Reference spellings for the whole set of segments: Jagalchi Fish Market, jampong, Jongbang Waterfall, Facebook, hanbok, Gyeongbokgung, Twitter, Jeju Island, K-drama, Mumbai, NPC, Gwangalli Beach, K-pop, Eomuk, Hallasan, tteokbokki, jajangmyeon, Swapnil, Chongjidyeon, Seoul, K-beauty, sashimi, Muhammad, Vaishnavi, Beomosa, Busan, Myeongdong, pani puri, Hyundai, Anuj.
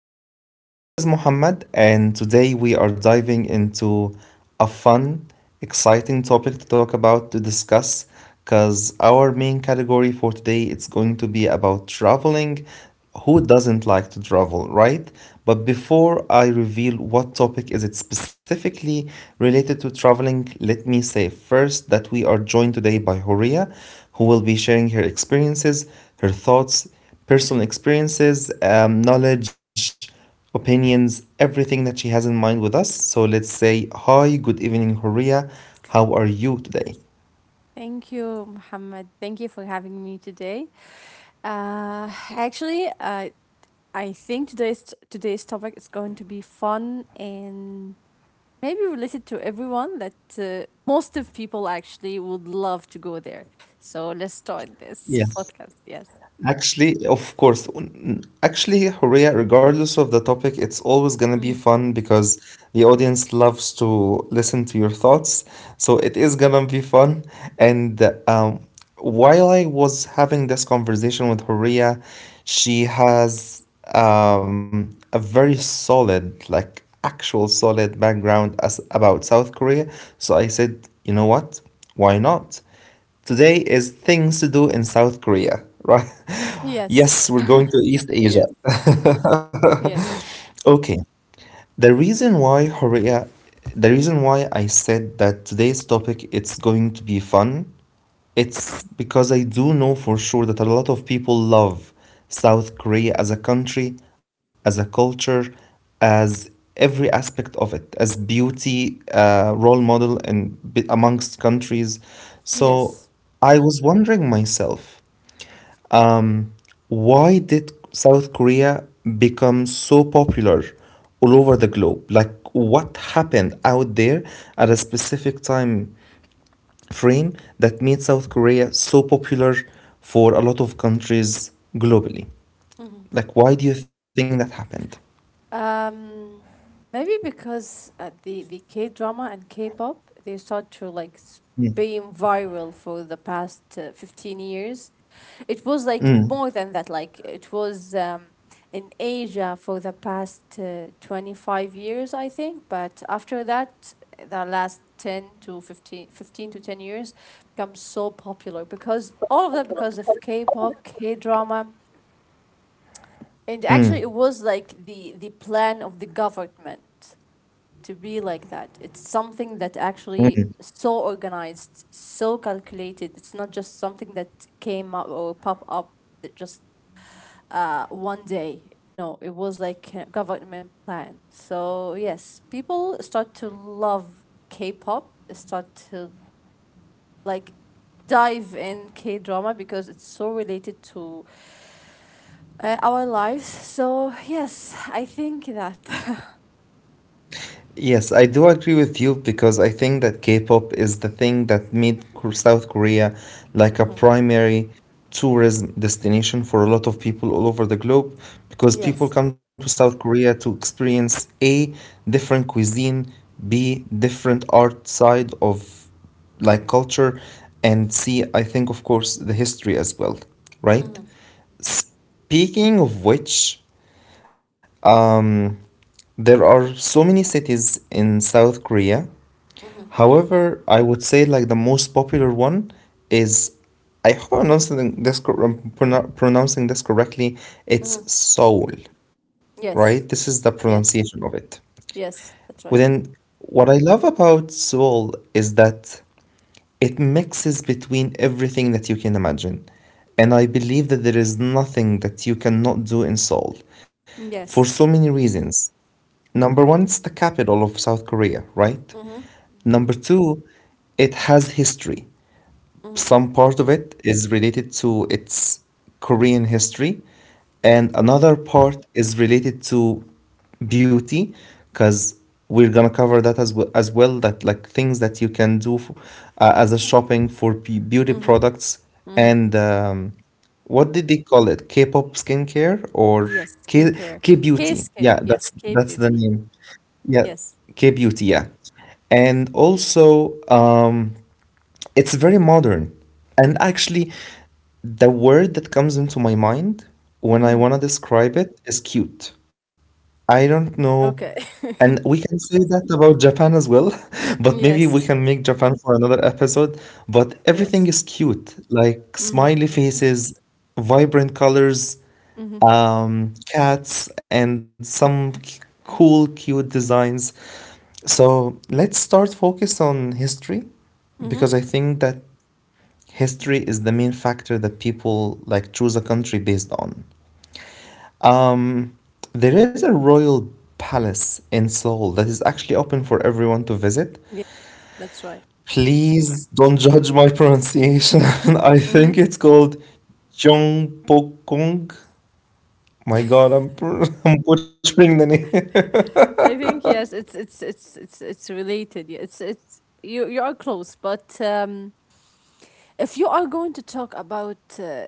everyone. This is Muhammad, and today we are diving into a fun, exciting topic to talk about, to discuss, because our main category for today it's going to be about traveling. Who doesn't like to travel, right? But before I reveal what topic is it specifically related to traveling, let me say first that we are joined today by Horia, who will be sharing her experiences, her thoughts, personal experiences, knowledge, opinions, everything that she has in mind with us. So let's say, Hi, good evening, Horia. How are you today? Thank you, Muhammad. Thank you for having me today. Uh, Actually, I think today's topic is going to be fun and maybe related to everyone that most of people actually would love to go there. So let's start this Yes. podcast. Yes. Actually, of course, actually, Horea, regardless of the topic, it's always going to Mhm. be fun because the audience loves to listen to your thoughts. So it is going to be fun. And um, while I was having this conversation with Horea, she has a very solid, like actual solid background as about South Korea. So I said, you know what? Why not? Today is things to do in South Korea, right? Yes. Yes, we're going to East Yes. Asia. Yes. Okay. The reason why Korea, the reason why I said that today's topic it's going to be fun it's because I do know for sure that a lot of people love South Korea as a country, as a culture, as every aspect of it, as beauty, role model, and amongst countries. So Yes. I was wondering myself, um, why did South Korea become so popular all over the Mhm. globe? Like, what happened out there at a specific time frame that made South Korea so popular for a lot of countries globally? Mhm. Like, why do you think that happened? Um, Maybe because the K drama and K-pop they start to like Mm, being viral for the past 15 years. It was like mm, more than that. Like it was in Asia for the past 25 years, I think. But after that, the last 10 to 15, 15 to 10 years become so popular because all of that, because of k-pop k-drama. And actually, mm, it was like the plan of the government to be like that. It's something that mm. actually so organized, so calculated. It's not just something that came up or pop up that just one day. No, it was like a government plan. So yes, people start to love K-pop. Start to like dive in K drama because it's so related to our lives. So, yes, I think that. Yes, I do agree with you because I think that K-pop is the thing that made South Korea like a Hmm. primary tourism destination for a lot of people all over the globe, because people Yes. come to South Korea to experience A, different cuisine, B, different art side of like culture, and C, I think of course the history as well, right? Speaking of which, um, there are so many cities in South Korea. However, I would say like the most popular one is, I hope I'm pronouncing this pronouncing this correctly, it's Hmm. soul, right? This Yes. is the Yes. pronunciation of it. Yes. That's right. Within, what I love about soul is that it mixes between everything that you can imagine. And I believe that there is nothing that you cannot do in Seoul for Yes. so many reasons. Number one, it's the capital of South Korea, right? Hmm. Number two, it has history. Some part of it is related to its Korean history, Hmm. and another part is related to beauty, because we're gonna cover that as well that like things that you can do f as a shopping for beauty Hmm. products, Hmm. and what did they call it? K-pop skincare, or Yes. K Skincare. K K-beauty? Yeah, skin. Yes. that's K that's the beauty. name. Yeah, Yes. K-beauty. Yeah, and also it's very modern. And actually, the word that comes into my mind when Hmm. I want to describe it is cute. I don't know. Okay. And we can say that about Japan as well, but maybe we Yes. can make Japan for another episode. But everything Yes. is cute, like Hmm. smiley faces, vibrant colors, Hmm. Cats, and some cool, cute designs. So let's start focus on history, Hmm. because I think that history is the main factor that people like choose a country based on. Um, there is a royal palace in Seoul that is actually open for everyone to visit. Yes. That's right. Please don't judge my pronunciation. I Hmm. think it's called Gyeongbokgung. My God, I'm butchering the name. I think yes. It's related. Yeah, it's you are close, but. If you are going to talk about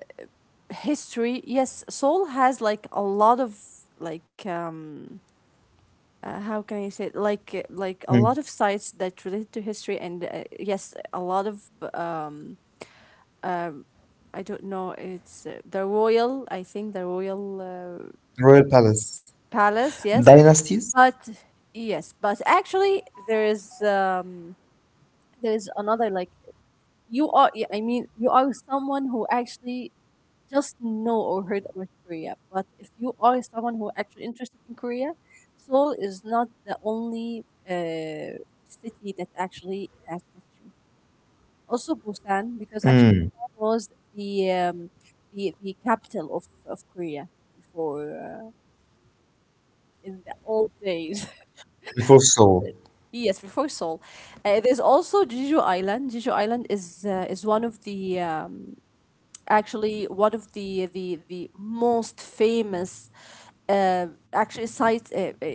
history, yes, Seoul has like a lot of like um how can I say it? Hmm. A lot of sites that relate to history, and yes, a lot of um I don't know. It's the royal I think the royal Royal palace. palace. Yes, Dynasties. but yes, but actually, there is um there is another. I mean, you are someone who actually just know or heard about Korea. But if you are someone who actually interested in Korea, Seoul is not the only city that actually has history. Also Busan, because actually Busan was the capital of Korea before in the old days. Before Seoul. Yes, before Seoul. There's also Jeju Island. Jeju Island is one of the actually one of the most famous uh, actually site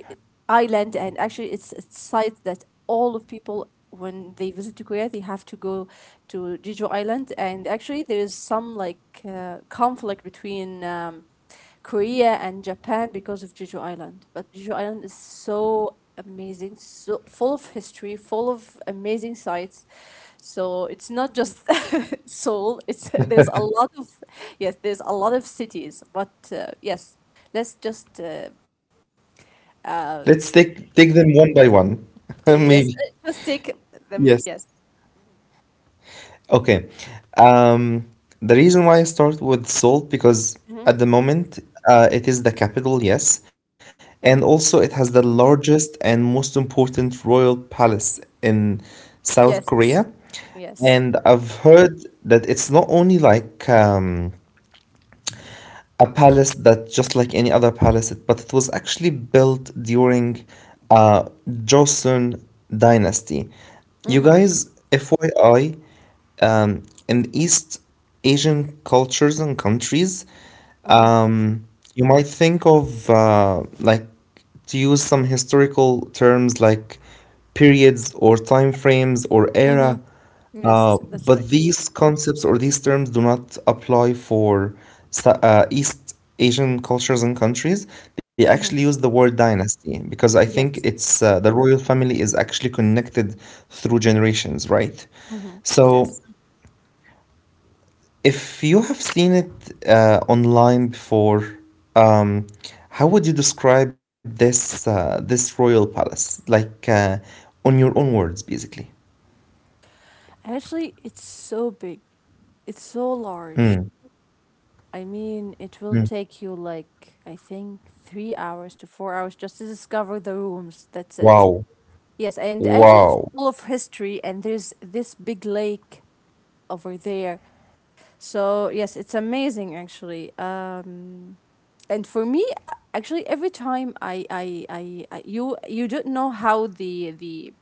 island and actually it's a site that all of people when they visit to Korea they have to go to Jeju island. And actually there is some, like, conflict between Korea and Japan because of Jeju Island. But Jeju Island is so amazing, so full of history, full of amazing sights. So it's not just Seoul. It's there's a lot of yes, there's a lot of cities. But yes, let's Let's take them one yes, by one. t- yes, Maybe. uh, just take them. Yes. Yes. Okay. Um, the reason why I start with Seoul, because Hmm. at the moment it is the capital, yes, and Hmm. also it has the largest and most important royal palace in South Yes. Korea. Yes. And I've heard that it's not only like a palace that just like any other palace, but it was actually built during uh, Joseon dynasty. You Mm-hmm. guys, FYI, in East Asian cultures and countries, Mm-hmm. um, you might think of like to use some historical terms like periods or time frames or era, Mm-hmm. Yes, that's right. but these concepts or these terms do not apply for East Asian cultures and countries. They actually Mm-hmm. use the word dynasty, because I think Yes. it's the royal family is actually connected through generations, right? Mm-hmm. So Yes. if you have seen it online before, um, how would you describe this royal palace? Like, on your own words, basically. Actually, it's so big. It's so large. Mm, I mean, it will mm. take you, like, I think, 3 hours to 4 hours just to discover the rooms. That's it. Wow. Yes, and actually, it's Wow. full of history, and there's this big lake over there. So, yes, it's amazing, actually. And for me, actually, every time I you, don't know how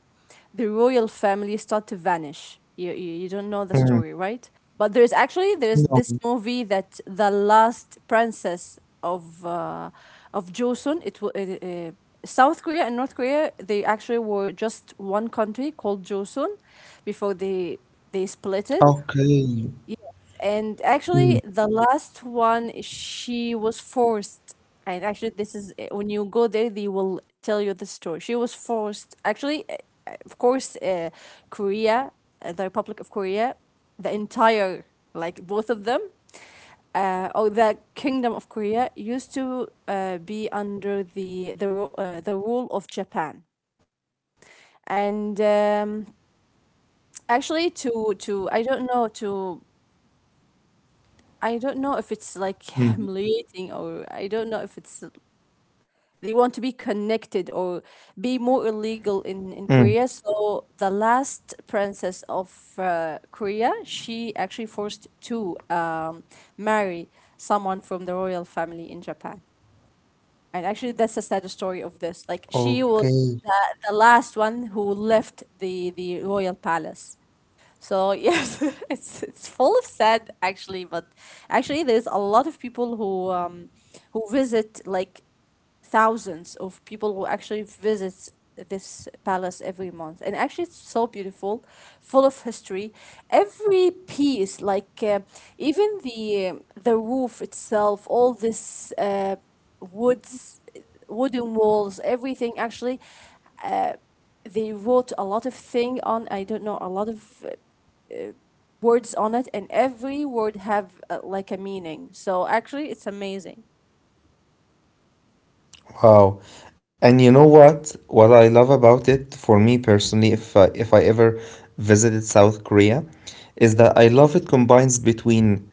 the royal family start to vanish. You don't know the story, Mm, right? But there's actually there's this no. movie that, the last princess of Joseon. It was uh, South Korea and North Korea. They actually were just one country called Joseon before they split it. Yes, Okay. and actually, the Mm, last one, she was forced. And actually, this is when you go there, they will tell you the story. She was forced, actually, of course, Korea, the Republic of Korea, the entire, like both of them, or the Kingdom of Korea used to be under the rule of Japan. And mm, actually, to I don't know to. I don't know if it's like humiliating, mm, or I don't know if it's they want to be connected or mm. be more illegal in Korea. So the last princess of Korea, she actually forced to marry someone from the royal family in Japan. And actually, that's the sad story of this. Like, she Okay. was the, the last one who left the royal palace. So yes, it's full of sad, actually, but actually there's a lot of people who visit, like, thousands of people who actually visits this palace every month. And actually, it's so beautiful, full of history. Every piece, like, even the roof itself, all this woods wooden walls, everything, actually, uh, they wrote a lot of thing on, I don't know, a lot of words on it, and every word have, like, a meaning. So actually, it's amazing. Wow. And you know what? What I love about it for me personally, if I ever visited South Korea, is that I love it combines between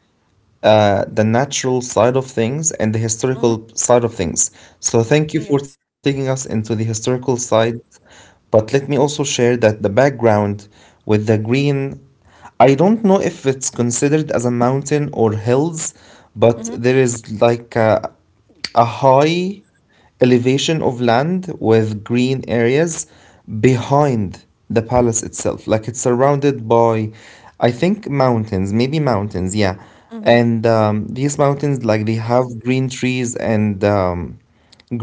the natural side of things and the historical Mm-hmm. side of things. So thank you for Yes. taking us into the historical side, but let me also share that the background with the green, I don't know if it's considered as a mountain or hills, but Mm-hmm. there is like a high elevation of land with green areas behind the palace itself. Like it's surrounded by, I think, mountains, maybe mountains, yeah. Mm-hmm. And these mountains, like they have green trees and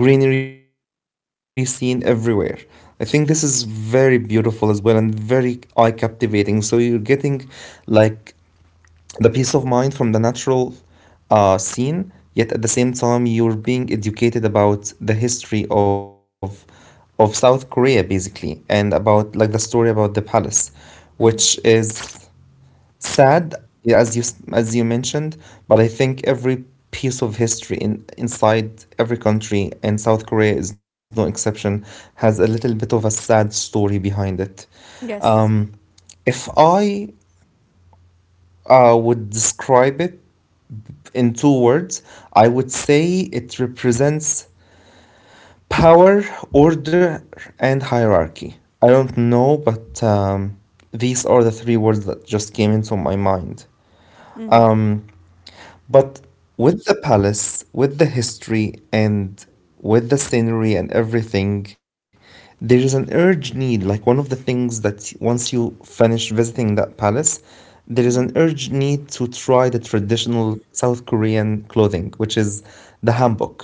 greenery seen everywhere. I think this is very beautiful as well and very eye captivating. So you're getting like the peace of mind from the natural scene, yet at the same time you're being educated about the history of South Korea basically, and about like the story about the palace, which Mm-hmm. is sad, yeah, as you mentioned. But I think every piece of history in inside every country, and South Korea is no exception, has a little bit of a sad story behind it. Yes. um, if I would describe it in two words, I would say it represents power, order, and hierarchy. I don't know, but these are the three words that just came into my mind. Mm-hmm. Mm. But with the palace, with the history, and with the scenery and everything, there is an urge need. Like one of the things that once you finish visiting that palace, there is an Mm-hmm. urge need to try the traditional South Korean clothing, which is the hanbok.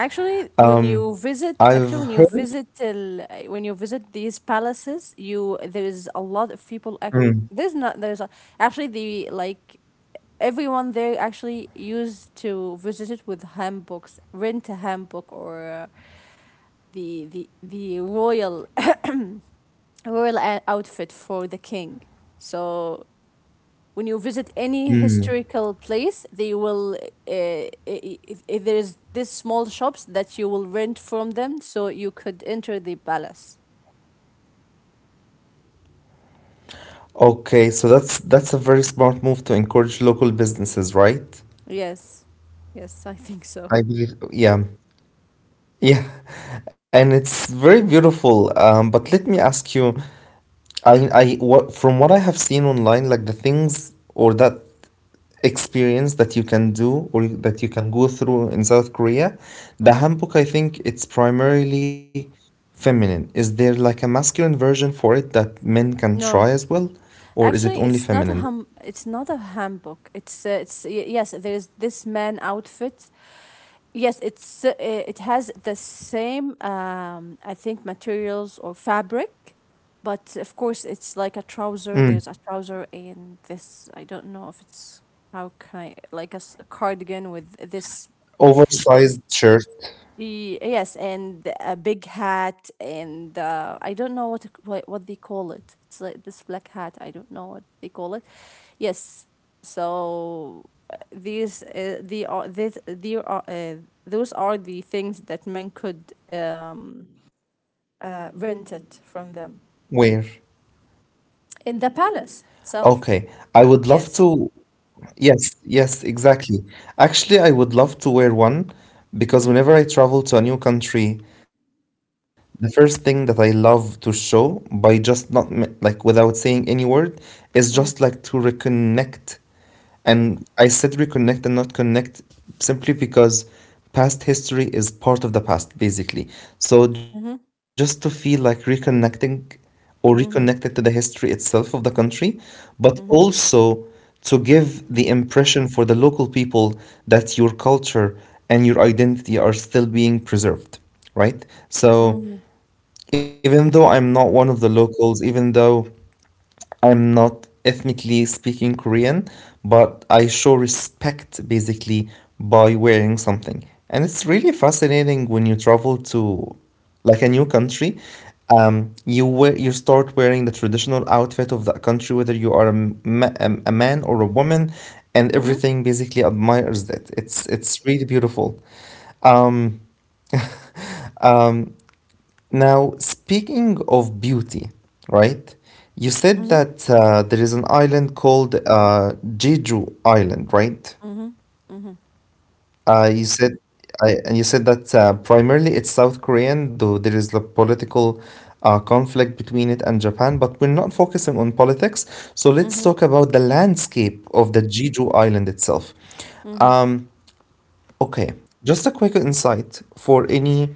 Actually, when Um, you visit, I've heard. When you visit these palaces, you there is a lot of people. Mm, There's not. Actually, the like, everyone there actually used to visit it with handbooks, rent a handbook, or the royal outfit for the king. So when you visit any mm. historical place, they will, if there is this small shops that you will rent from them, so you could enter the palace. Okay, so that's a very smart move to encourage local businesses, right? Yes, yes, I think so. I believe, yeah. Yeah, and it's very beautiful. But let me ask you, from what I have seen online, like the things or that experience that you can do or that you can go through in South Korea, the Hmm. hanbok, I think it's primarily feminine. Is there like a masculine version for it that men can try No, as well, or is it actually, only it's not feminine? a hum. It's not a handbook. Yes. There is this man outfit. Yes, it has the same, I think, materials or fabric, but of course it's like a trouser. Mm. There's a trouser in this, I don't know if it's, how can I, like, a cardigan with this Oversized this shirt. Yes, and a big hat, and I don't know what to what they call it. It's like this black hat. I don't know what they call it. Yes, so these the are this the are those are the things that men could rent it from Wear. them in the palace Okay, itself. I would love Yes. to. Yes, yes, exactly. Actually, I would love to wear one, Mhm. because whenever I travel to a new country, the first thing that I love to show, by just not like without saying any word, is just Mhm. like to reconnect, and I said reconnect and not connect simply because past history is part of the past, basically. So Mhm. just to feel like reconnecting or reconnected to Mhm. the history itself of the country, but also to give the impression for the local people that your culture and your identity are still being preserved, right? Mhm. So even though I'm not one of the locals, even though I'm not ethnically speaking Korean, but I show respect basically by wearing something. And it's really fascinating when you travel to like a new country. You wear, you start wearing the traditional outfit of that country, whether you are a man or a woman, and Mhm. everything basically admires that. It's really beautiful. Um, Now, speaking of beauty, right? You said Mhm. that there is an island called Jeju Island, right? Mhm. Mhm. You said, and you said that primarily it's South Korean, though there is the political conflict between it and Japan. But we're not focusing on politics, so Mhm. let's Mhm. talk about the landscape of the Jeju Island itself. Mhm. Um, Okay, just a quick insight for any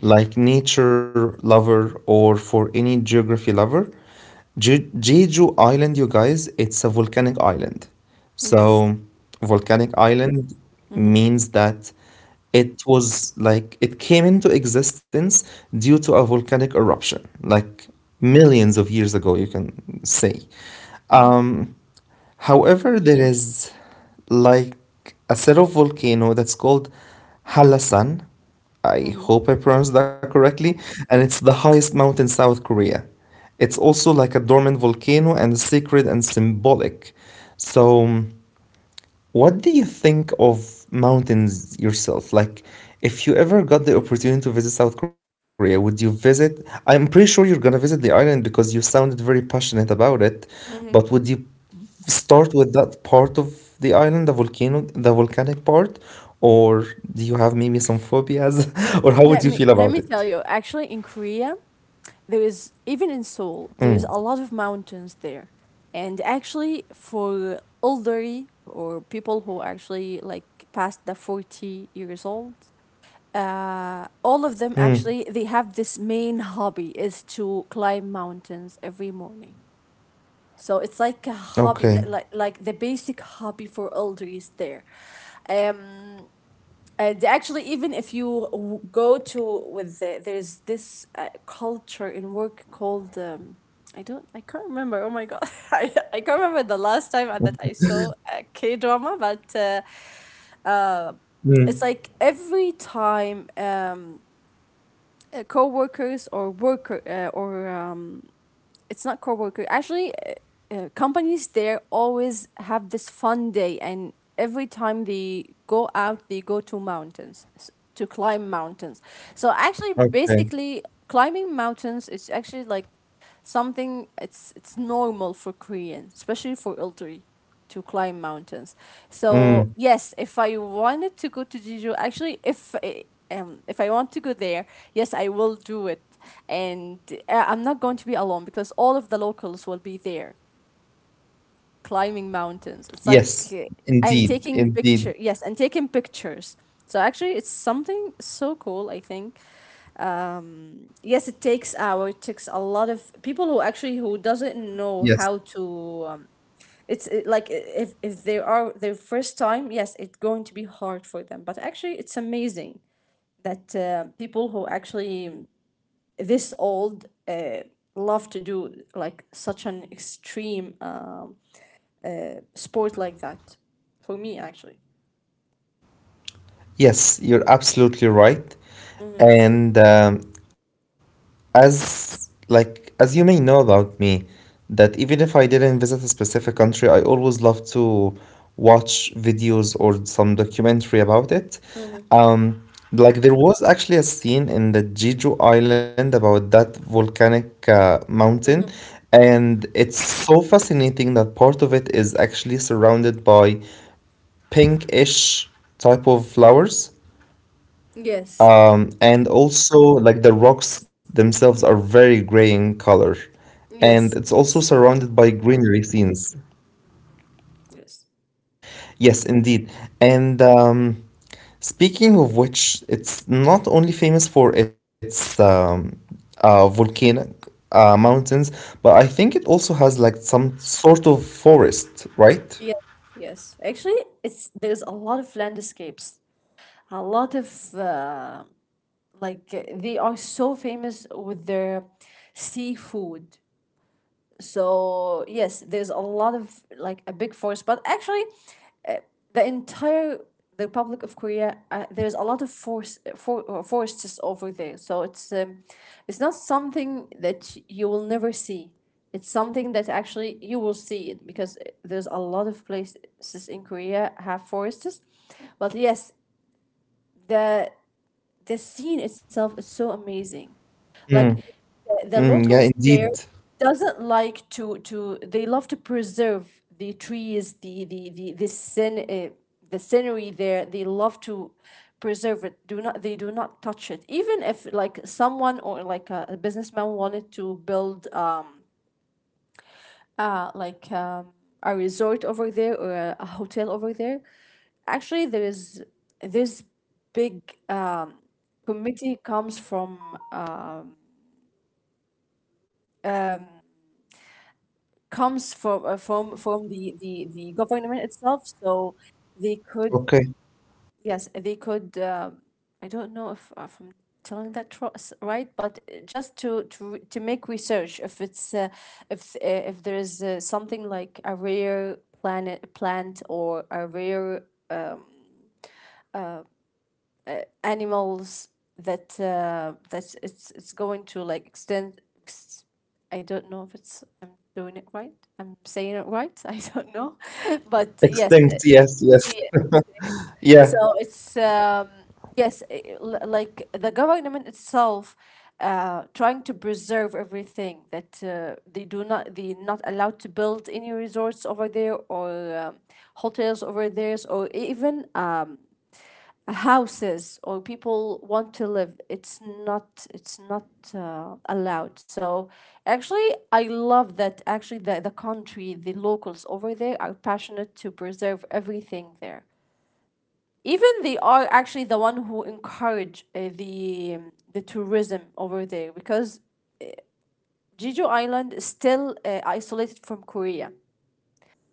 like nature lover or for any geography lover. Jeju Island, you guys, it's a volcanic island. So, Yes. volcanic island Mhm. means that it was like it came into existence due to a volcanic eruption, like millions of years ago, you can say. Mhm. Um, However, there is like a set of volcano that's called Hallasan. I Mhm. hope I pronounced that correctly, and it's the highest mountain in South Korea. It's also like a dormant volcano and sacred and symbolic. So, what do you think of mountains yourself? Like, if you ever got the opportunity to visit South Korea, would you visit? I'm pretty sure you're gonna visit the island because you sounded very passionate about it, but would you Mhm. start with that part of the island, the volcano, the volcanic part, or do you have maybe some phobias, or how would you Let feel me about let me it? tell you, actually, in Korea, there is, even in Seoul, Mm. there is a lot of mountains there. And actually, for elderly or people who actually, like, past the 40 years old, all of them Mm. actually, they have this main hobby is to climb mountains every morning. So it's like a hobby Okay. that, like, the basic hobby for elderly is there. Um And actually, even if you go to with the, there's this culture in work called, I don't, I can't remember. Oh my god, I can't remember the last time that I saw a K drama, but Mm. it's like every time, co-workers or worker, or, it's not coworker. Actually, companies there always have this fun day, and every time they go out, they go to mountains, to climb mountains. So actually, Okay. basically, climbing mountains is actually, like, something, it's normal for koreans, especially for elderly, to climb mountains. Mm. So yes, if I wanted to go to Jeju, actually, if I want to go there, yes, I will do it, and I'm not going to be alone because all of the locals will be there climbing mountains. It's like, Yes, and indeed, taking indeed. picture. Yes, and taking pictures. So actually, it's something so cool. I think, yes, it takes hour. It takes a lot of people who doesn't know Yes, how to, um, it's like, if they are their first time, yes, it's going to be hard for them, but actually it's amazing that people who actually this old love to do, like, such an extreme sport like that, for me actually. yes, you're absolutely right. And As you may know about me, that even if I didn't visit a specific country, I always love to watch videos or some documentary about it. Um, like there was actually a scene in the Jeju Island about that volcanic mountain, Mm-hmm. and it's so fascinating that part of it is actually surrounded by pinkish type of flowers. Yes. And also, like the rocks themselves are very gray in color. And Yes. it's also Yes. That's right. surrounded by greenery scenes. Yes. Yes, indeed. And Speaking of which, it's not only famous for its volcanic mountains, but I think it also has like some sort of forest, right? Yes. Yes, actually it's there's a lot of landscapes, a lot of, they are so famous with their seafood. So yes, there's a lot of, like, a big forest. But actually, the entire the republic of korea, there's a lot of forests over there, so it's, it's not something that you will never see, it's something that actually you will see it because there's a lot of places in korea have forests. But yes, the the scene itself is so amazing. Mm, Like, the mm, yeah, locals indeed. there doesn't like to, they love to preserve the trees, the scenery there. They love to preserve it. Do not they do not touch it. Even if someone or like a businessman wanted to build uh like um a resort over there or a hotel over there, actually there is this big um committee comes from the the government itself, so they could. Okay. Yes, they could, I don't know if I'm telling that right, but just to make research if it's if there is something like a rare planet plant or a rare animals that that it's going to like extend. I don't know if it's I'm doing it right. I'm saying it right. I don't know, but yes, Extinct, yes, yes. yeah. Yeah. So it's yes, like the government itself. Trying to preserve everything that they not allowed to build any resorts over there or um hotels over there or even houses or people want to live. It's not allowed, so actually I love that. Actually, the country, the locals over there are passionate to preserve everything there. Even they are actually the one who encourage the tourism over there, because Jeju Island is still isolated from Korea,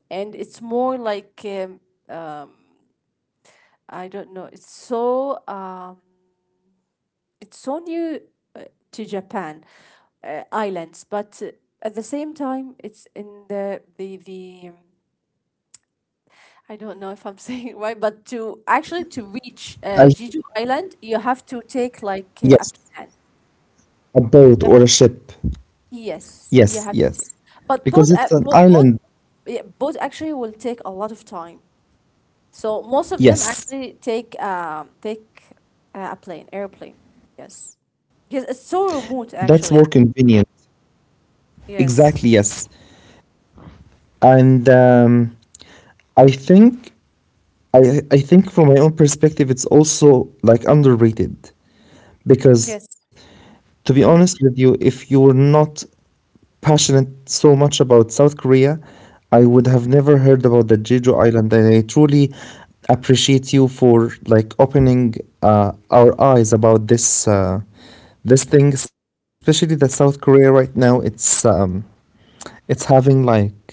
and it's more like I don't know, it's so new uh, to Japan islands, but at the same time, it's in the the. I don't know if I'm saying it right, but to actually to reach I, Jeju Island, you have to take like a yes, plan. a boat Yep. or a ship. Yes, you Yes, have to take. yes. But both, Because it's an both, island. yeah, both actually will take a lot of time. So most of them Yes. actually take a plane, airplane. Yes. Yes, it's so remote That's more actually. convenient. Yes. Exactly, yes. And I think I think from my own perspective it's also like underrated Yes. because to be honest with you, if you were not passionate so much about South Korea. I would Mm, have never heard about the Jeju Island, and I truly appreciate you for like opening our eyes about this this thing, especially that South Korea right now. It's having like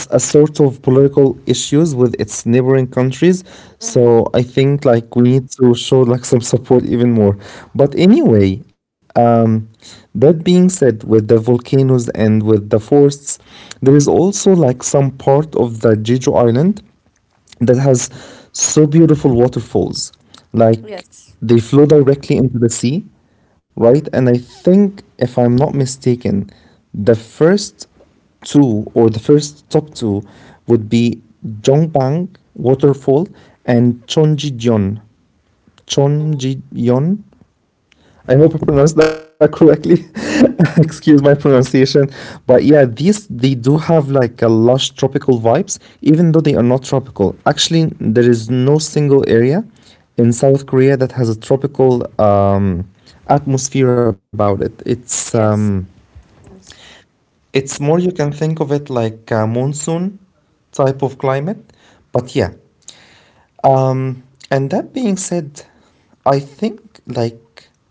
as a sort of political issues with its neighboring countries. mhm, So I think like we need to show like some support even more. But anyway, that being said, with the volcanoes and with the forests, there is also like some part of the Jeju Island that has so beautiful waterfalls. Like yes. they flow directly into the sea, right? And I think, if I'm not mistaken, the first two or the first top two would be Jongbang Waterfall and Chongjidyeon. Mhm, Chongjidyeon I hope I pronounced that correctly. Excuse my pronunciation. But yeah, these they do have like a lush tropical vibes, even though they are not tropical. Actually, there is no single area in South Korea that has a tropical atmosphere about it. Yes. Yes. It's more you can think of it like a monsoon type of climate. But yeah, um, and that being said, I think like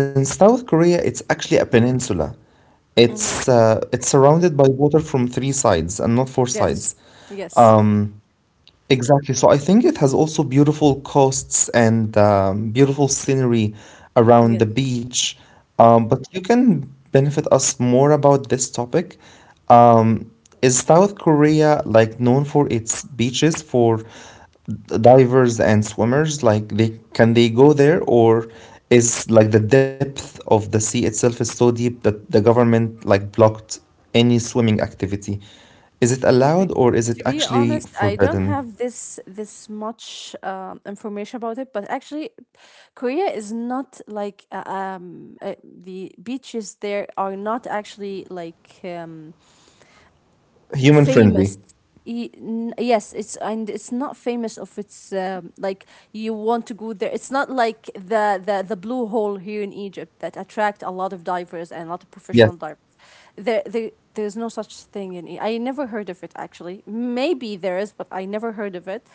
Since South Korea, it's actually a peninsula. Mhm, It's surrounded by water from three sides and not four sides. yes. Yes. Um, Exactly. So I think it has also beautiful coasts and beautiful scenery around Yes. the beach. But you can benefit us more about this topic. Um, is South Korea like known for its beaches for divers and swimmers? Like they can they go there or is like the depth of the sea itself is so deep that the government like blocked any swimming activity? Is it To be, allowed or is it to be actually honest, I don't forbidden? have this much information about it, but actually, Korea is not like the beaches there are not actually like Human frenzy. famous. Yes, it's not famous of it's like you want to go there. It's not like the the blue hole here in Egypt that attract a lot of divers and a Yes, lot of professional divers. There, there's no such thing in I never heard of it actually. Maybe there is, but I never heard of it.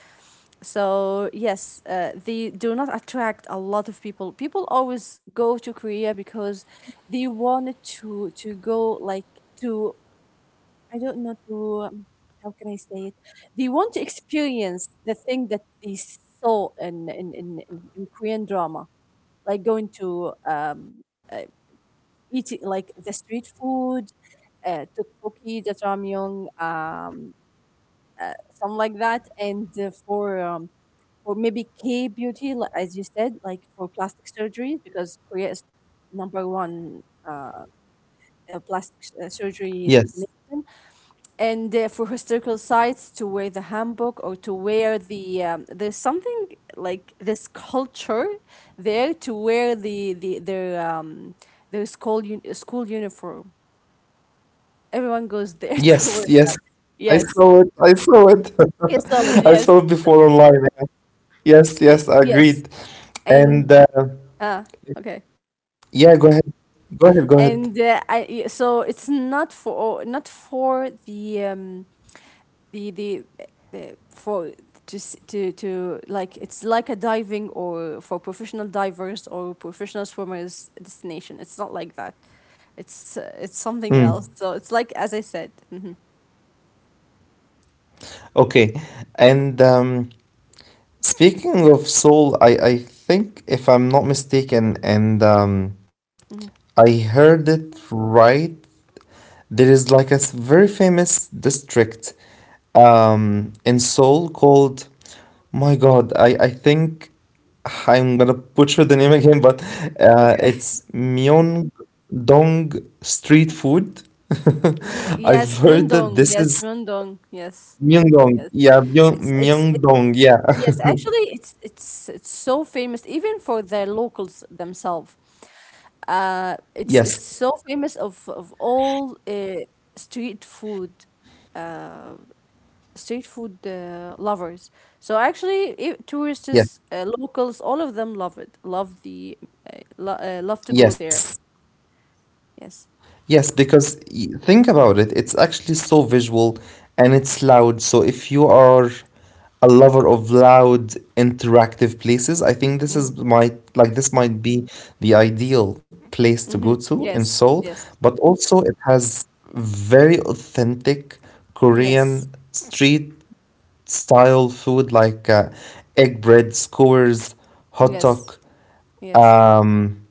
So yes, they do not attract a lot of people. People always go to Korea because they wanted to go like to, I don't know, to how can I say it. They want to experience the thing that they saw in in Korean drama, like going to uh, eating like the street food, tteokbokki, jajangmyeon, something like that, and for maybe K beauty, as you said, like for plastic surgeries because Korea is number one uh, plastic surgery yes, destination, and for historical sites to wear the handbook, or to wear the there's something like this culture there, to wear the their school uniform. Everyone goes there to yes, wear. yes. I Yes. saw it. I saw it. Yes, so I yes, saw it before online. Yeah. Yes, yes, yes. agreed. And And ah, okay. Yeah, go ahead. Go ahead, go ahead. And yeah, so it's not for not for the the the for to s- to like it's like a diving, or for professional divers or professional swimmers destination. It's not like that. It's something Mm. else. So it's like as I said. Hmm. Okay. And Speaking of soul, I think if I'm not mistaken, and Hmm. I heard it right. There is like a very famous district in Seoul called, my God, I think I'm gonna butcher the name again, but Okay. it's Myeongdong Street Food. Myeongdong. Yes, I've heard that Myeongdong. this Yes, is Myeongdong. Yes. Myeongdong. Yes. Yeah, It's Myeongdong. Yeah. Yes, actually, it's it's so famous even for the locals themselves. Yes. It's so famous of all street food, uh, street food lovers. So actually, I Yes. tourists, locals, all of them love it. Love the lo love to go Yes. there. Yes. Yes, because think about it, it's actually so visual and it's loud. So if you are a lover of loud interactive places, I think Mm-hmm. This might be the ideal place to go Mm-hmm. to in Yes. Seoul, Yes. but also it has very authentic Yes. Korean street style food like egg bread, skewers, hot Yes. dog. Yes. Um,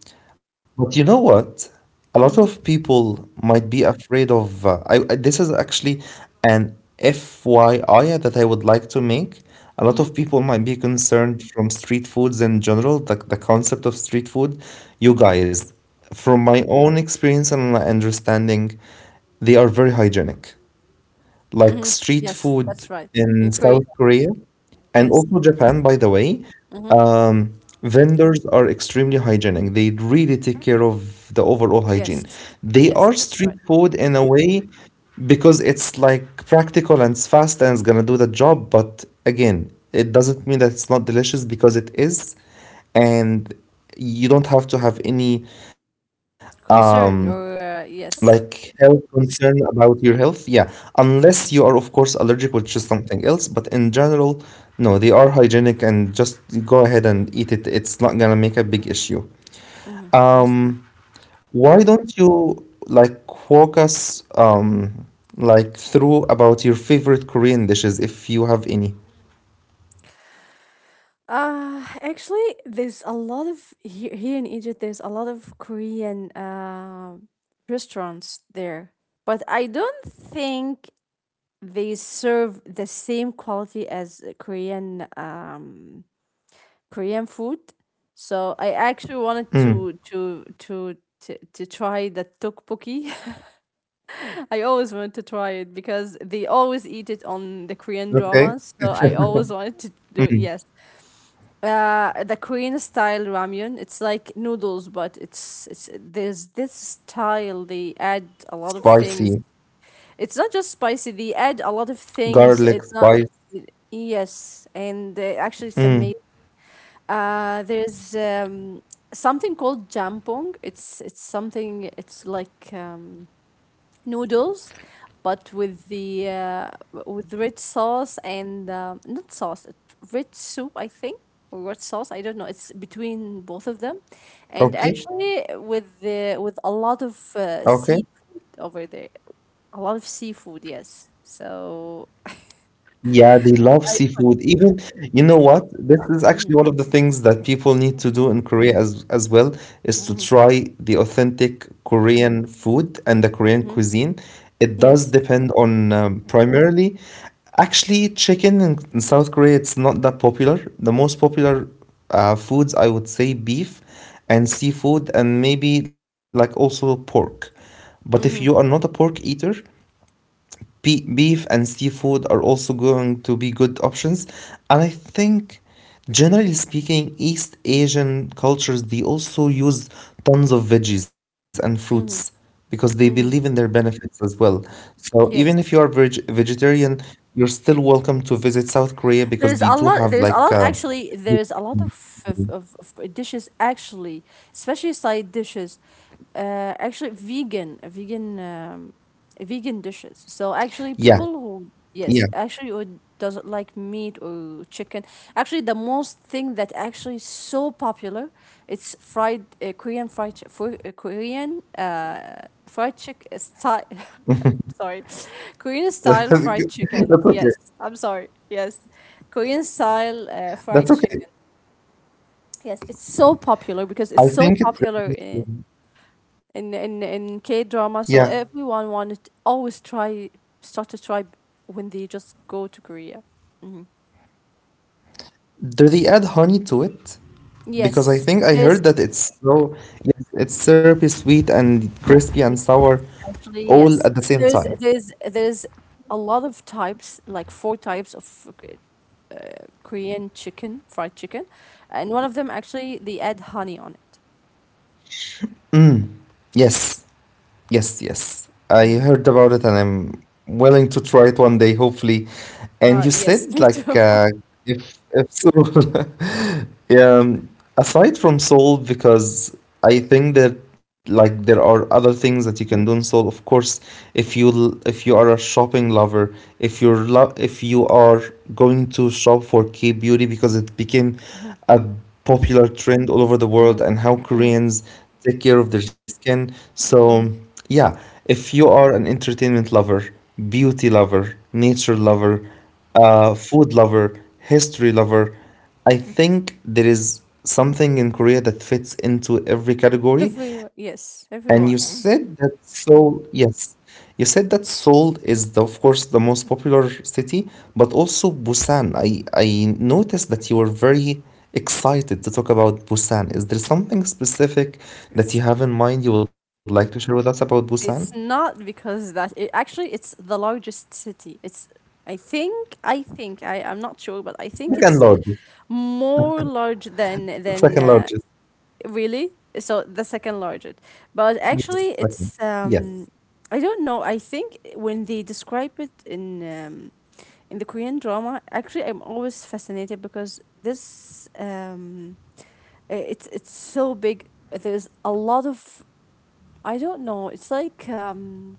but you know what? A lot of Mm-hmm. people might be afraid of. This is actually an FYI that I would like to make. A lot Mm-hmm. of people might be concerned from street foods in general, the concept of street food. You Mm-hmm. guys, from my own experience and my understanding, they are very hygienic like Mm-hmm. street Yes. food That's right. In in Korea. South Korea and Yes. also Japan, by the way. Hmm. Um, Vendors are extremely hygienic. They really take care of the overall hygiene. Yes. They Yes, are that's right. street food in a way because it's like practical and it's fast and it's gonna do the job. But again, it doesn't mean that it's not delicious because it is, and you don't have to have any um Concern or like yes. health concern about your health? Yeah, unless Mm-hmm. you are, of course, allergic, which is something else. But in general, no, they are hygienic and just go ahead and eat it. It's not gonna make a big issue. Mm-hmm. That's right. Um, why don't you like walk us like through about your favorite Korean dishes if you have any? Actually, there's a lot of here, here in Egypt. There's a lot of Korean restaurants there, but I don't think they serve the same quality as Korean Korean food. So I actually wanted Mm, to try the tteokbokki. I always wanted to try it because they always eat it on the Korean okay. dramas. So I always wanted to do it. Yes, the Korean style ramyun. It's like noodles, but it's there's this style. They add a lot of Spicy, things. It's not just spicy. They add a lot of things. It's garlic, not. spice. Yes, and actually, it's amazing. Mm, There's something called jampong. It's something. It's like noodles, but with the with red sauce and not sauce, red soup, I think, or red sauce. I don't know. It's between both of them, and okay, actually with the with a lot of okay. seafood over there, a lot of seafood. Yes, so Yeah, they love I. tried. seafood. Even, you know what? This is Mm-hmm, actually one of the things that people need to do in Korea as well is to mm-hmm, try the authentic Korean food and the Korean mm-hmm. cuisine. It does Yes. depend on primarily, actually, chicken in South Korea, it's not that popular. The most popular foods, I would say, beef and seafood, and maybe like also pork. But if you are Mm-hmm, not a pork eater, beef and seafood are also going to be good options. And I think, generally speaking, East Asian cultures they also use tons of veggies and fruits mm-hmm, because they believe mm-hmm. in their benefits as well. So Yes. even if you are vegetarian, you're still welcome to visit South Korea because There's they a do lot. have There's a lot like actually. There's a lot of dishes actually, especially side dishes. Actually, vegan dishes. So actually, yeah, people who, yes, yeah. actually who doesn't like meat or chicken, actually the most thing that actually so popular, it's fried Korean fried chi- for Korean fried chick style. Sorry, Korean style fried chicken. That's okay. Yes, I'm sorry. Yes, Korean style That's fried okay. chicken. Yes, it's so popular because it's I so think it's gonna popular. be soon. In K Yeah. drama. So everyone wanted always try, start to try when they just go to Korea. Hmm. Do they add honey to it? Because I Yes, think I there's heard that it's so it's syrupy, sweet, and crispy and yeah, sour actually all yes, at the same time. There's a lot of types, like four types of Korean chicken, fried chicken, and one of them actually they add honey on it. Mm. Yes. Yes, yes. I Hmm. heard about it and I'm willing to try it one day, hopefully. And you Yes, said me too. like if Seoul, um, aside from Seoul, because I think that like there are other things that you can do in Seoul. Of course, if you if you are a shopping lover, if you're lo if you are going to shop for K-beauty because it became a popular trend all over the world Mm-hmm, and how mm-hmm, Koreans take care of their skin. So, mm-hmm, yeah, if you are an entertainment lover, beauty lover, nature mm-hmm. lover, food lover, history lover, I think there is something in Korea that fits into every category. Every, And you yes, said everyone. that, so yes. You said that Seoul is, the, of course, the most popular city, but also Busan. I noticed that you were very excited to talk about Busan. Is there something specific It's that you have in mind you would like to share with us about Busan? It's not because that it actually it's the largest city. It's. I think I think I'm not sure, but I think Second it's largest. more large than Second largest. really. So the second largest, but actually Yes, it's second. Yes. I don't know. I think when they describe it in the Korean drama, actually I'm always fascinated because this it's so big. There's a lot of, I don't know. It's like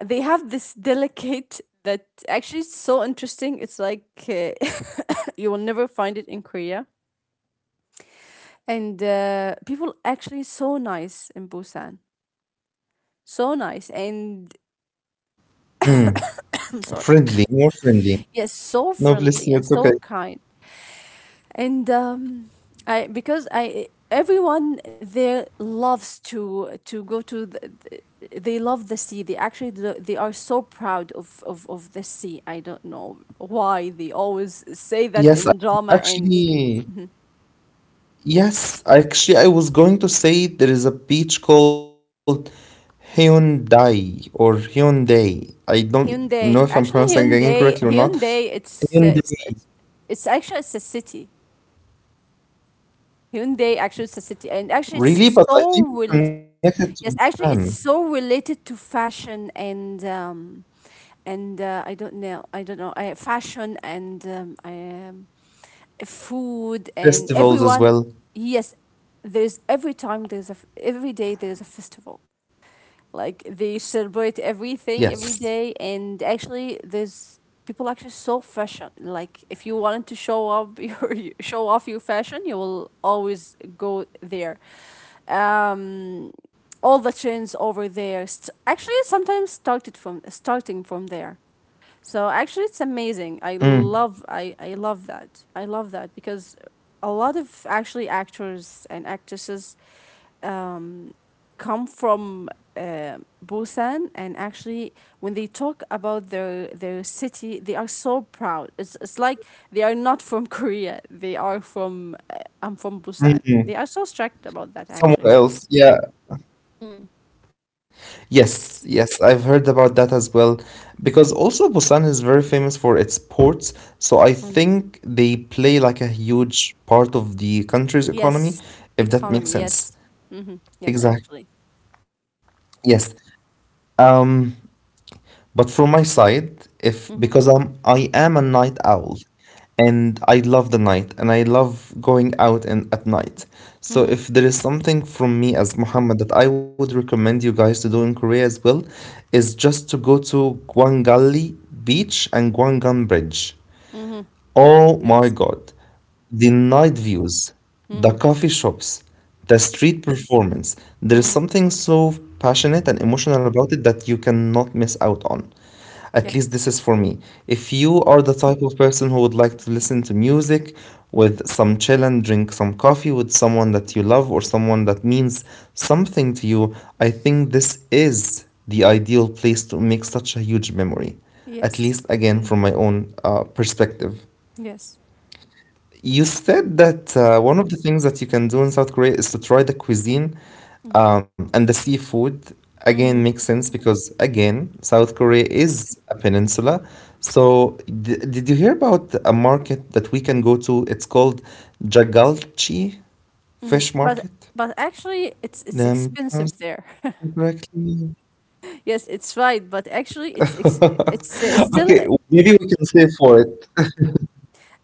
they have this delicate that actually is so interesting. It's like you will never find it in Korea. And people actually so nice in Busan. So nice and Mm, I'm sorry. friendly, more friendly. Yes, so No, friendly bless and you. It's so okay. kind. And I because I everyone there loves to go to the- they love the sea. They actually they are so proud of the sea. I don't know why they always say that Yes, I, in drama. And actually, yes. Actually, I was going to say there is a beach called Hyundai or Hyundai. I don't know if I'm Hyundai. Actually, pronouncing it incorrectly or Hyundai, not. Hyundai, it's Hyundai. It's actually it's a city. Hyundai actually it's a city, and actually Really? it's But I so think it's related. connected to Yes, Busan. actually it's so related to fashion and I don't know, fashion and um, food and Festivals as well. everyone. Yes, there's every time there's a every day there's a festival. Like they celebrate everything Yes. every day, and actually, there's people actually so fashion. Like if you wanted to show up your show off your fashion, you will always go there. Um, all the trends over there. Actually, sometimes started from, starting from there. So actually, it's amazing. I Mm. love, I love that. I love that because a lot of actually actors and actresses come from Busan, and actually, when they talk about their city, they are so proud. It's like they are not from Korea. They are from I'm from Busan. Hmm. They are so strict about that, Somewhere actually. else. Yeah. Mm, Yes. Yes. I've heard about that as well. Because also Busan is very famous for its ports. So I mm. think they play like a huge part of the country's Yes, economy, if economy. that makes Yes. sense. Mm-hmm. Yes, actually. Exactly. Yes. Um, But from my side, if Mm-hmm. because I am a night owl and I love the night and I love going out and at night. So Mm-hmm. if there is something from me as Muhammad that I would recommend you guys to do in Korea as well, is just to go to Gwangalli Beach and Gwangan Bridge. Mm-hmm. Oh my Yes. God. The night views, the Mm-hmm. coffee shops, the street performance. There is Mm-hmm. something so passionate and emotional about it that you cannot miss out on. At least Yes. this is for me. If you are the type of person who would like to listen to music with some chill and drink some coffee with someone that you love or someone that means something to you, I think this is the ideal place to make such a huge memory. At Yes. least, again, Mm, from my own perspective. yes. You said that one of the things that you can do in South Korea is to try the cuisine Mm-hmm. And the seafood. Again, Mm-hmm. makes sense because, again, South Korea is a peninsula. So, did you hear about a market that we can go to? It's called Jagalchi Mm-hmm. Fish But Market. but actually, it's Am I expensive pronouncing it there. correctly? Yes, it's right, but actually, it's still Okay, maybe we can save for it.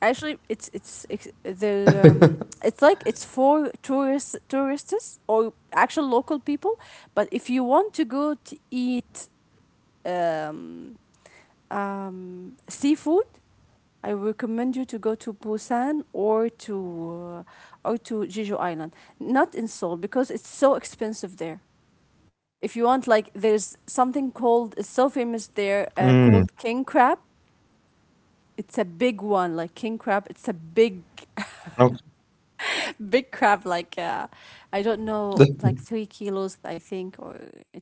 actually it's ex- the it's like it's for tourists, tourists or actual local people. But if you want to go to eat um seafood, I recommend you to go to Busan or to, or to Jeju Island, not in Seoul because it's so expensive there. If you want, like, there's something called, it's so famous there, called king Mm, crab. It's a big one, like king crab, it's a big okay. big crab, like I don't know, like 3 kilos I think, or it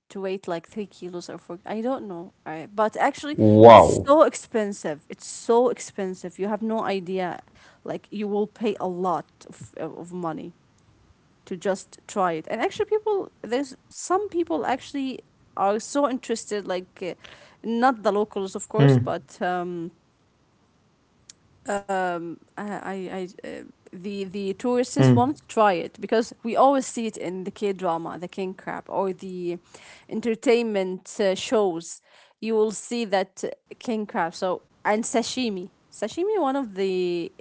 to weight like 3 kilos or 4, I don't know, but actually it's Wow. so expensive. It's so expensive, you have no idea. Like you will pay a lot of money to just try it. And actually people, there's some people actually are so interested, like not the locals, of course, but Mm, uh, I, I, uh, the tourists want to try it mm, because we always see it in the K drama, the king crab, or the entertainment shows. You will see that king crab. So and sashimi, sashimi, one of the,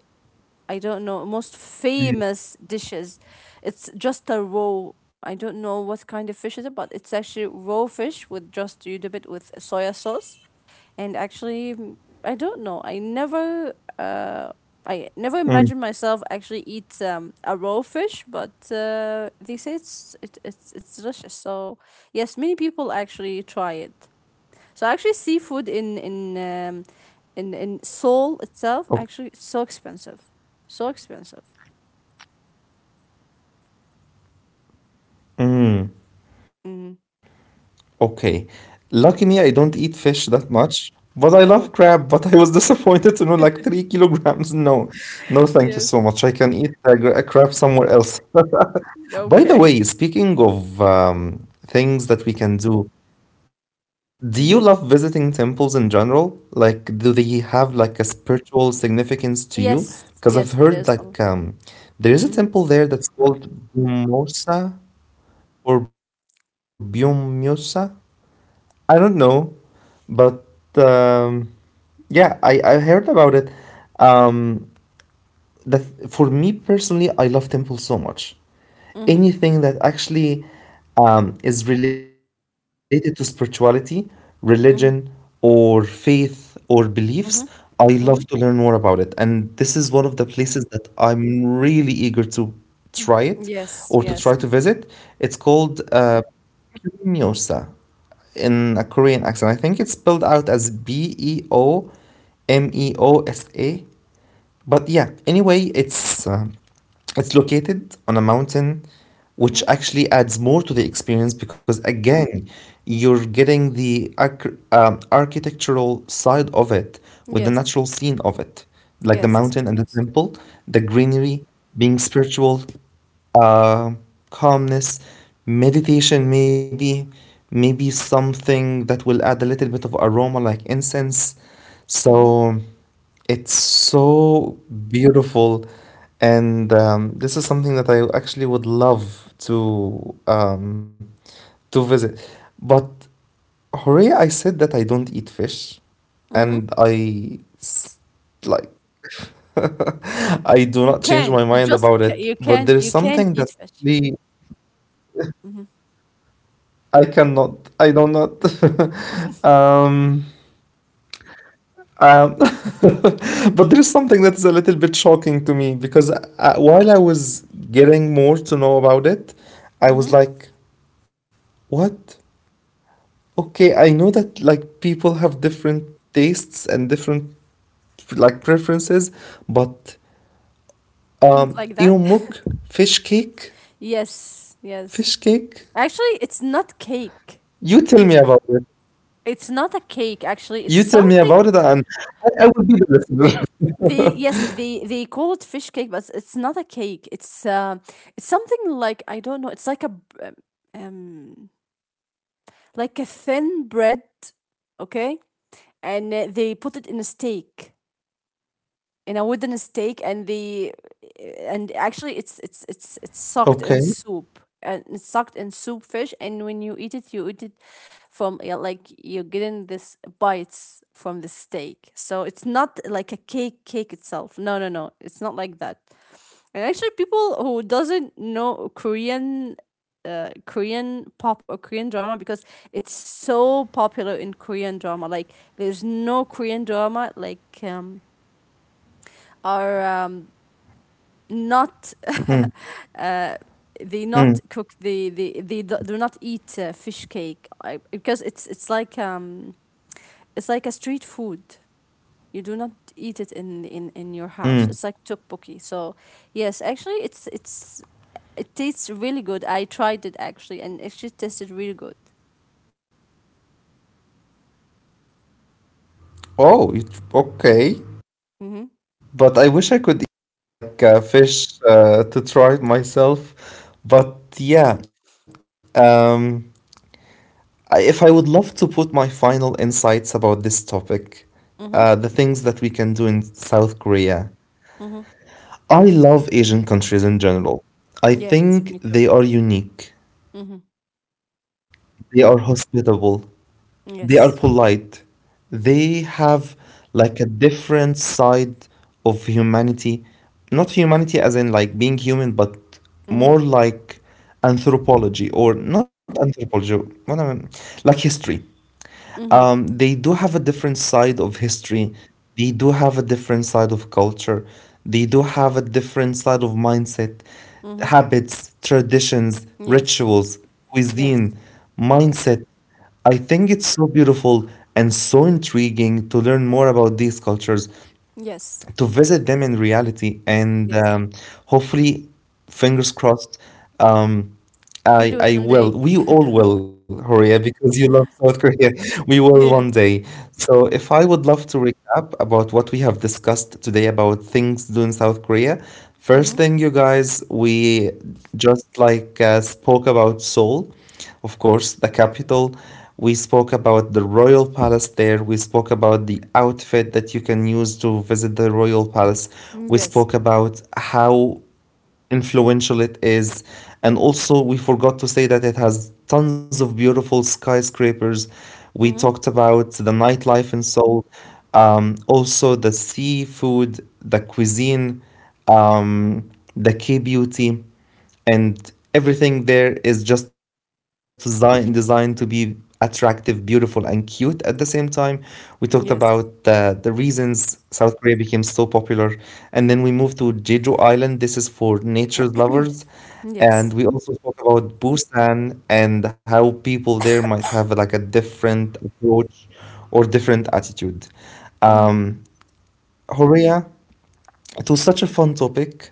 I don't know, most famous dishes. mm, It's just a raw. I don't know what kind of fish is it, but it's actually raw fish with just you dip it with soya sauce, and actually, mm, I don't know. Uh, I never imagined mm. myself actually eat a raw fish, but they say it's delicious. So yes, many people actually try it. So actually, seafood in in Seoul itself Okay. actually it's so expensive, so expensive. Mm, Mm. okay. Lucky me, I don't eat fish that much, but I love Oh. crab. But I was disappointed to know like 3 kilograms. No, no, thank you so Yes. much. I can eat a crab somewhere else. Okay. By the way, speaking of things that we can do, do you love Mm-hmm. visiting temples in general? Like, do they have like a spiritual significance to you? Yes, Because I've yes, heard there's like a. There is a Mm-hmm. temple there that's called Bumosa or Byumyosa. I don't know, but um, yeah, I heard about it. Um, the, for me personally, I love Temple so much, Mm-hmm. anything that actually is related to spirituality, religion, Mm-hmm. or faith or beliefs. I love to learn more Mm-hmm. about it. And this is one of the places that I'm really eager to try it or Yes, to try to yes. visit. It's called Gyeongmyosa in a Korean accent. I think it's spelled out as Beomeosa. But yeah, anyway, it's located on a mountain, Mm-hmm. which actually adds more to the experience because, again, you're getting the architectural side of it with the Yes, natural scene of it, like the yes, mountain and the yes. temple, the greenery, being spiritual, uh, calmness, meditation, maybe, maybe something that will add a little bit of aroma like incense. Mm-hmm. So. It's so beautiful. And this is something that I actually would love to visit. But Horea, I said that I don't eat fish, Mm-hmm. and I s- like I do You not change my can't. You mind just about ca- it. you But there can't. is You can't something that eat fish. actually Mm-hmm. I cannot. I do not. um, Um, but there is something that's a little bit shocking to me because while I was getting more to know about it, I Mm-hmm. was like, what? Okay, I know that like people have different tastes and different like preferences, but Not like that. Eomuk fish cake, Yes, yes. fish cake. Actually, it's not cake. You tell me about it. It's not a cake. Actually, it's You tell me something. about it, and I will be the listener. They, yes, they call it fish cake, but it's not a cake. It's something, like I don't know. It's like a um, like a thin bread. Okay, and they put it in a steak, in a wooden stake. And the, and actually it's soaked in Okay. soup, and it's soaked in soup fish, and when you eat it, you eat it from, yeah, like you're getting this bites from the steak. So it's not like a cake, cake itself, no no no, it's not like that. And actually people who doesn't know Korean, Korean pop or Korean drama, because it's so popular in Korean drama. Like there's no Korean drama like or not Mm, they mm, not cook they do, do not eat fish cake, because it's like a street food, you do not eat it in your house. mm. It's like tteokbokki. So yes, actually it's, it tastes really good. I tried it actually, and it actually tasted really good. Oh, okay. Mhm. But I wish I could eat like fish to try it myself. But yeah, um, if I would love to put my final insights about this topic, the Mhm. things that we can do in South Korea. Mhm. I love Asian countries in general. I Yes, me think too. they are unique. Mhm. They are hospitable. They are polite. Yes. They have like a different side of humanity. Not humanity as in like being human, but Mhm. more like anthropology, or not anthropology, what I mean, like history. Mhm. They do have a different side of history. They do have a different side of culture. They do have a different side of mindset, Mhm. habits, traditions, Yes. rituals, Yes. cuisine, mindset. I think it's so beautiful and so intriguing to learn more about these cultures, Yes. to visit them in reality, and Yes, hopefully, fingers crossed, um, we do it one I day. will. We all will, Horia, because you love South Korea. We will Yes. one day. So if I would love to recap about what we have discussed today about things to do in South Korea, first Mhm. thing, you guys, we just like spoke about Seoul, of course, the capital. We spoke about the royal palace there. We spoke about the outfit that you can use to visit the royal palace. Mm, We yes. spoke about how influential it is. And also, we forgot to say that it has tons of beautiful skyscrapers. We Mm-hmm. talked about the nightlife in Seoul, also the seafood, the cuisine, um, the K beauty, and everything there is just designed to be attractive, beautiful, and cute at the same time. We talked about Yes. the reasons South Korea became so popular, and then we moved to Jeju Island. This is for nature lovers, Yes. and we also talked about Busan and how people there might have like a different approach or different attitude. Mm-hmm. Um, Korea, it was such a fun topic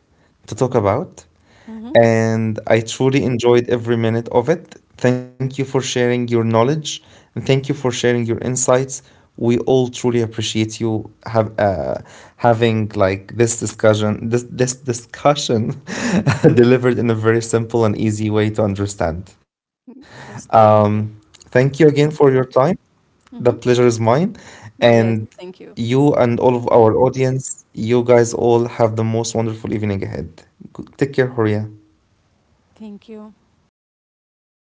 to talk about, Mm-hmm. and I truly enjoyed every minute of it. Thank you for sharing your knowledge, and thank you for sharing your insights. We all truly appreciate you have having like this this discussion delivered in a very simple and easy way to understand. Yes. Thank you. Um, Thank you again for your time. The Mm-hmm. pleasure is mine. Yes. And Thank you. you and all of our audience, you guys all have the most wonderful evening ahead. Take care, Horia. Thank you.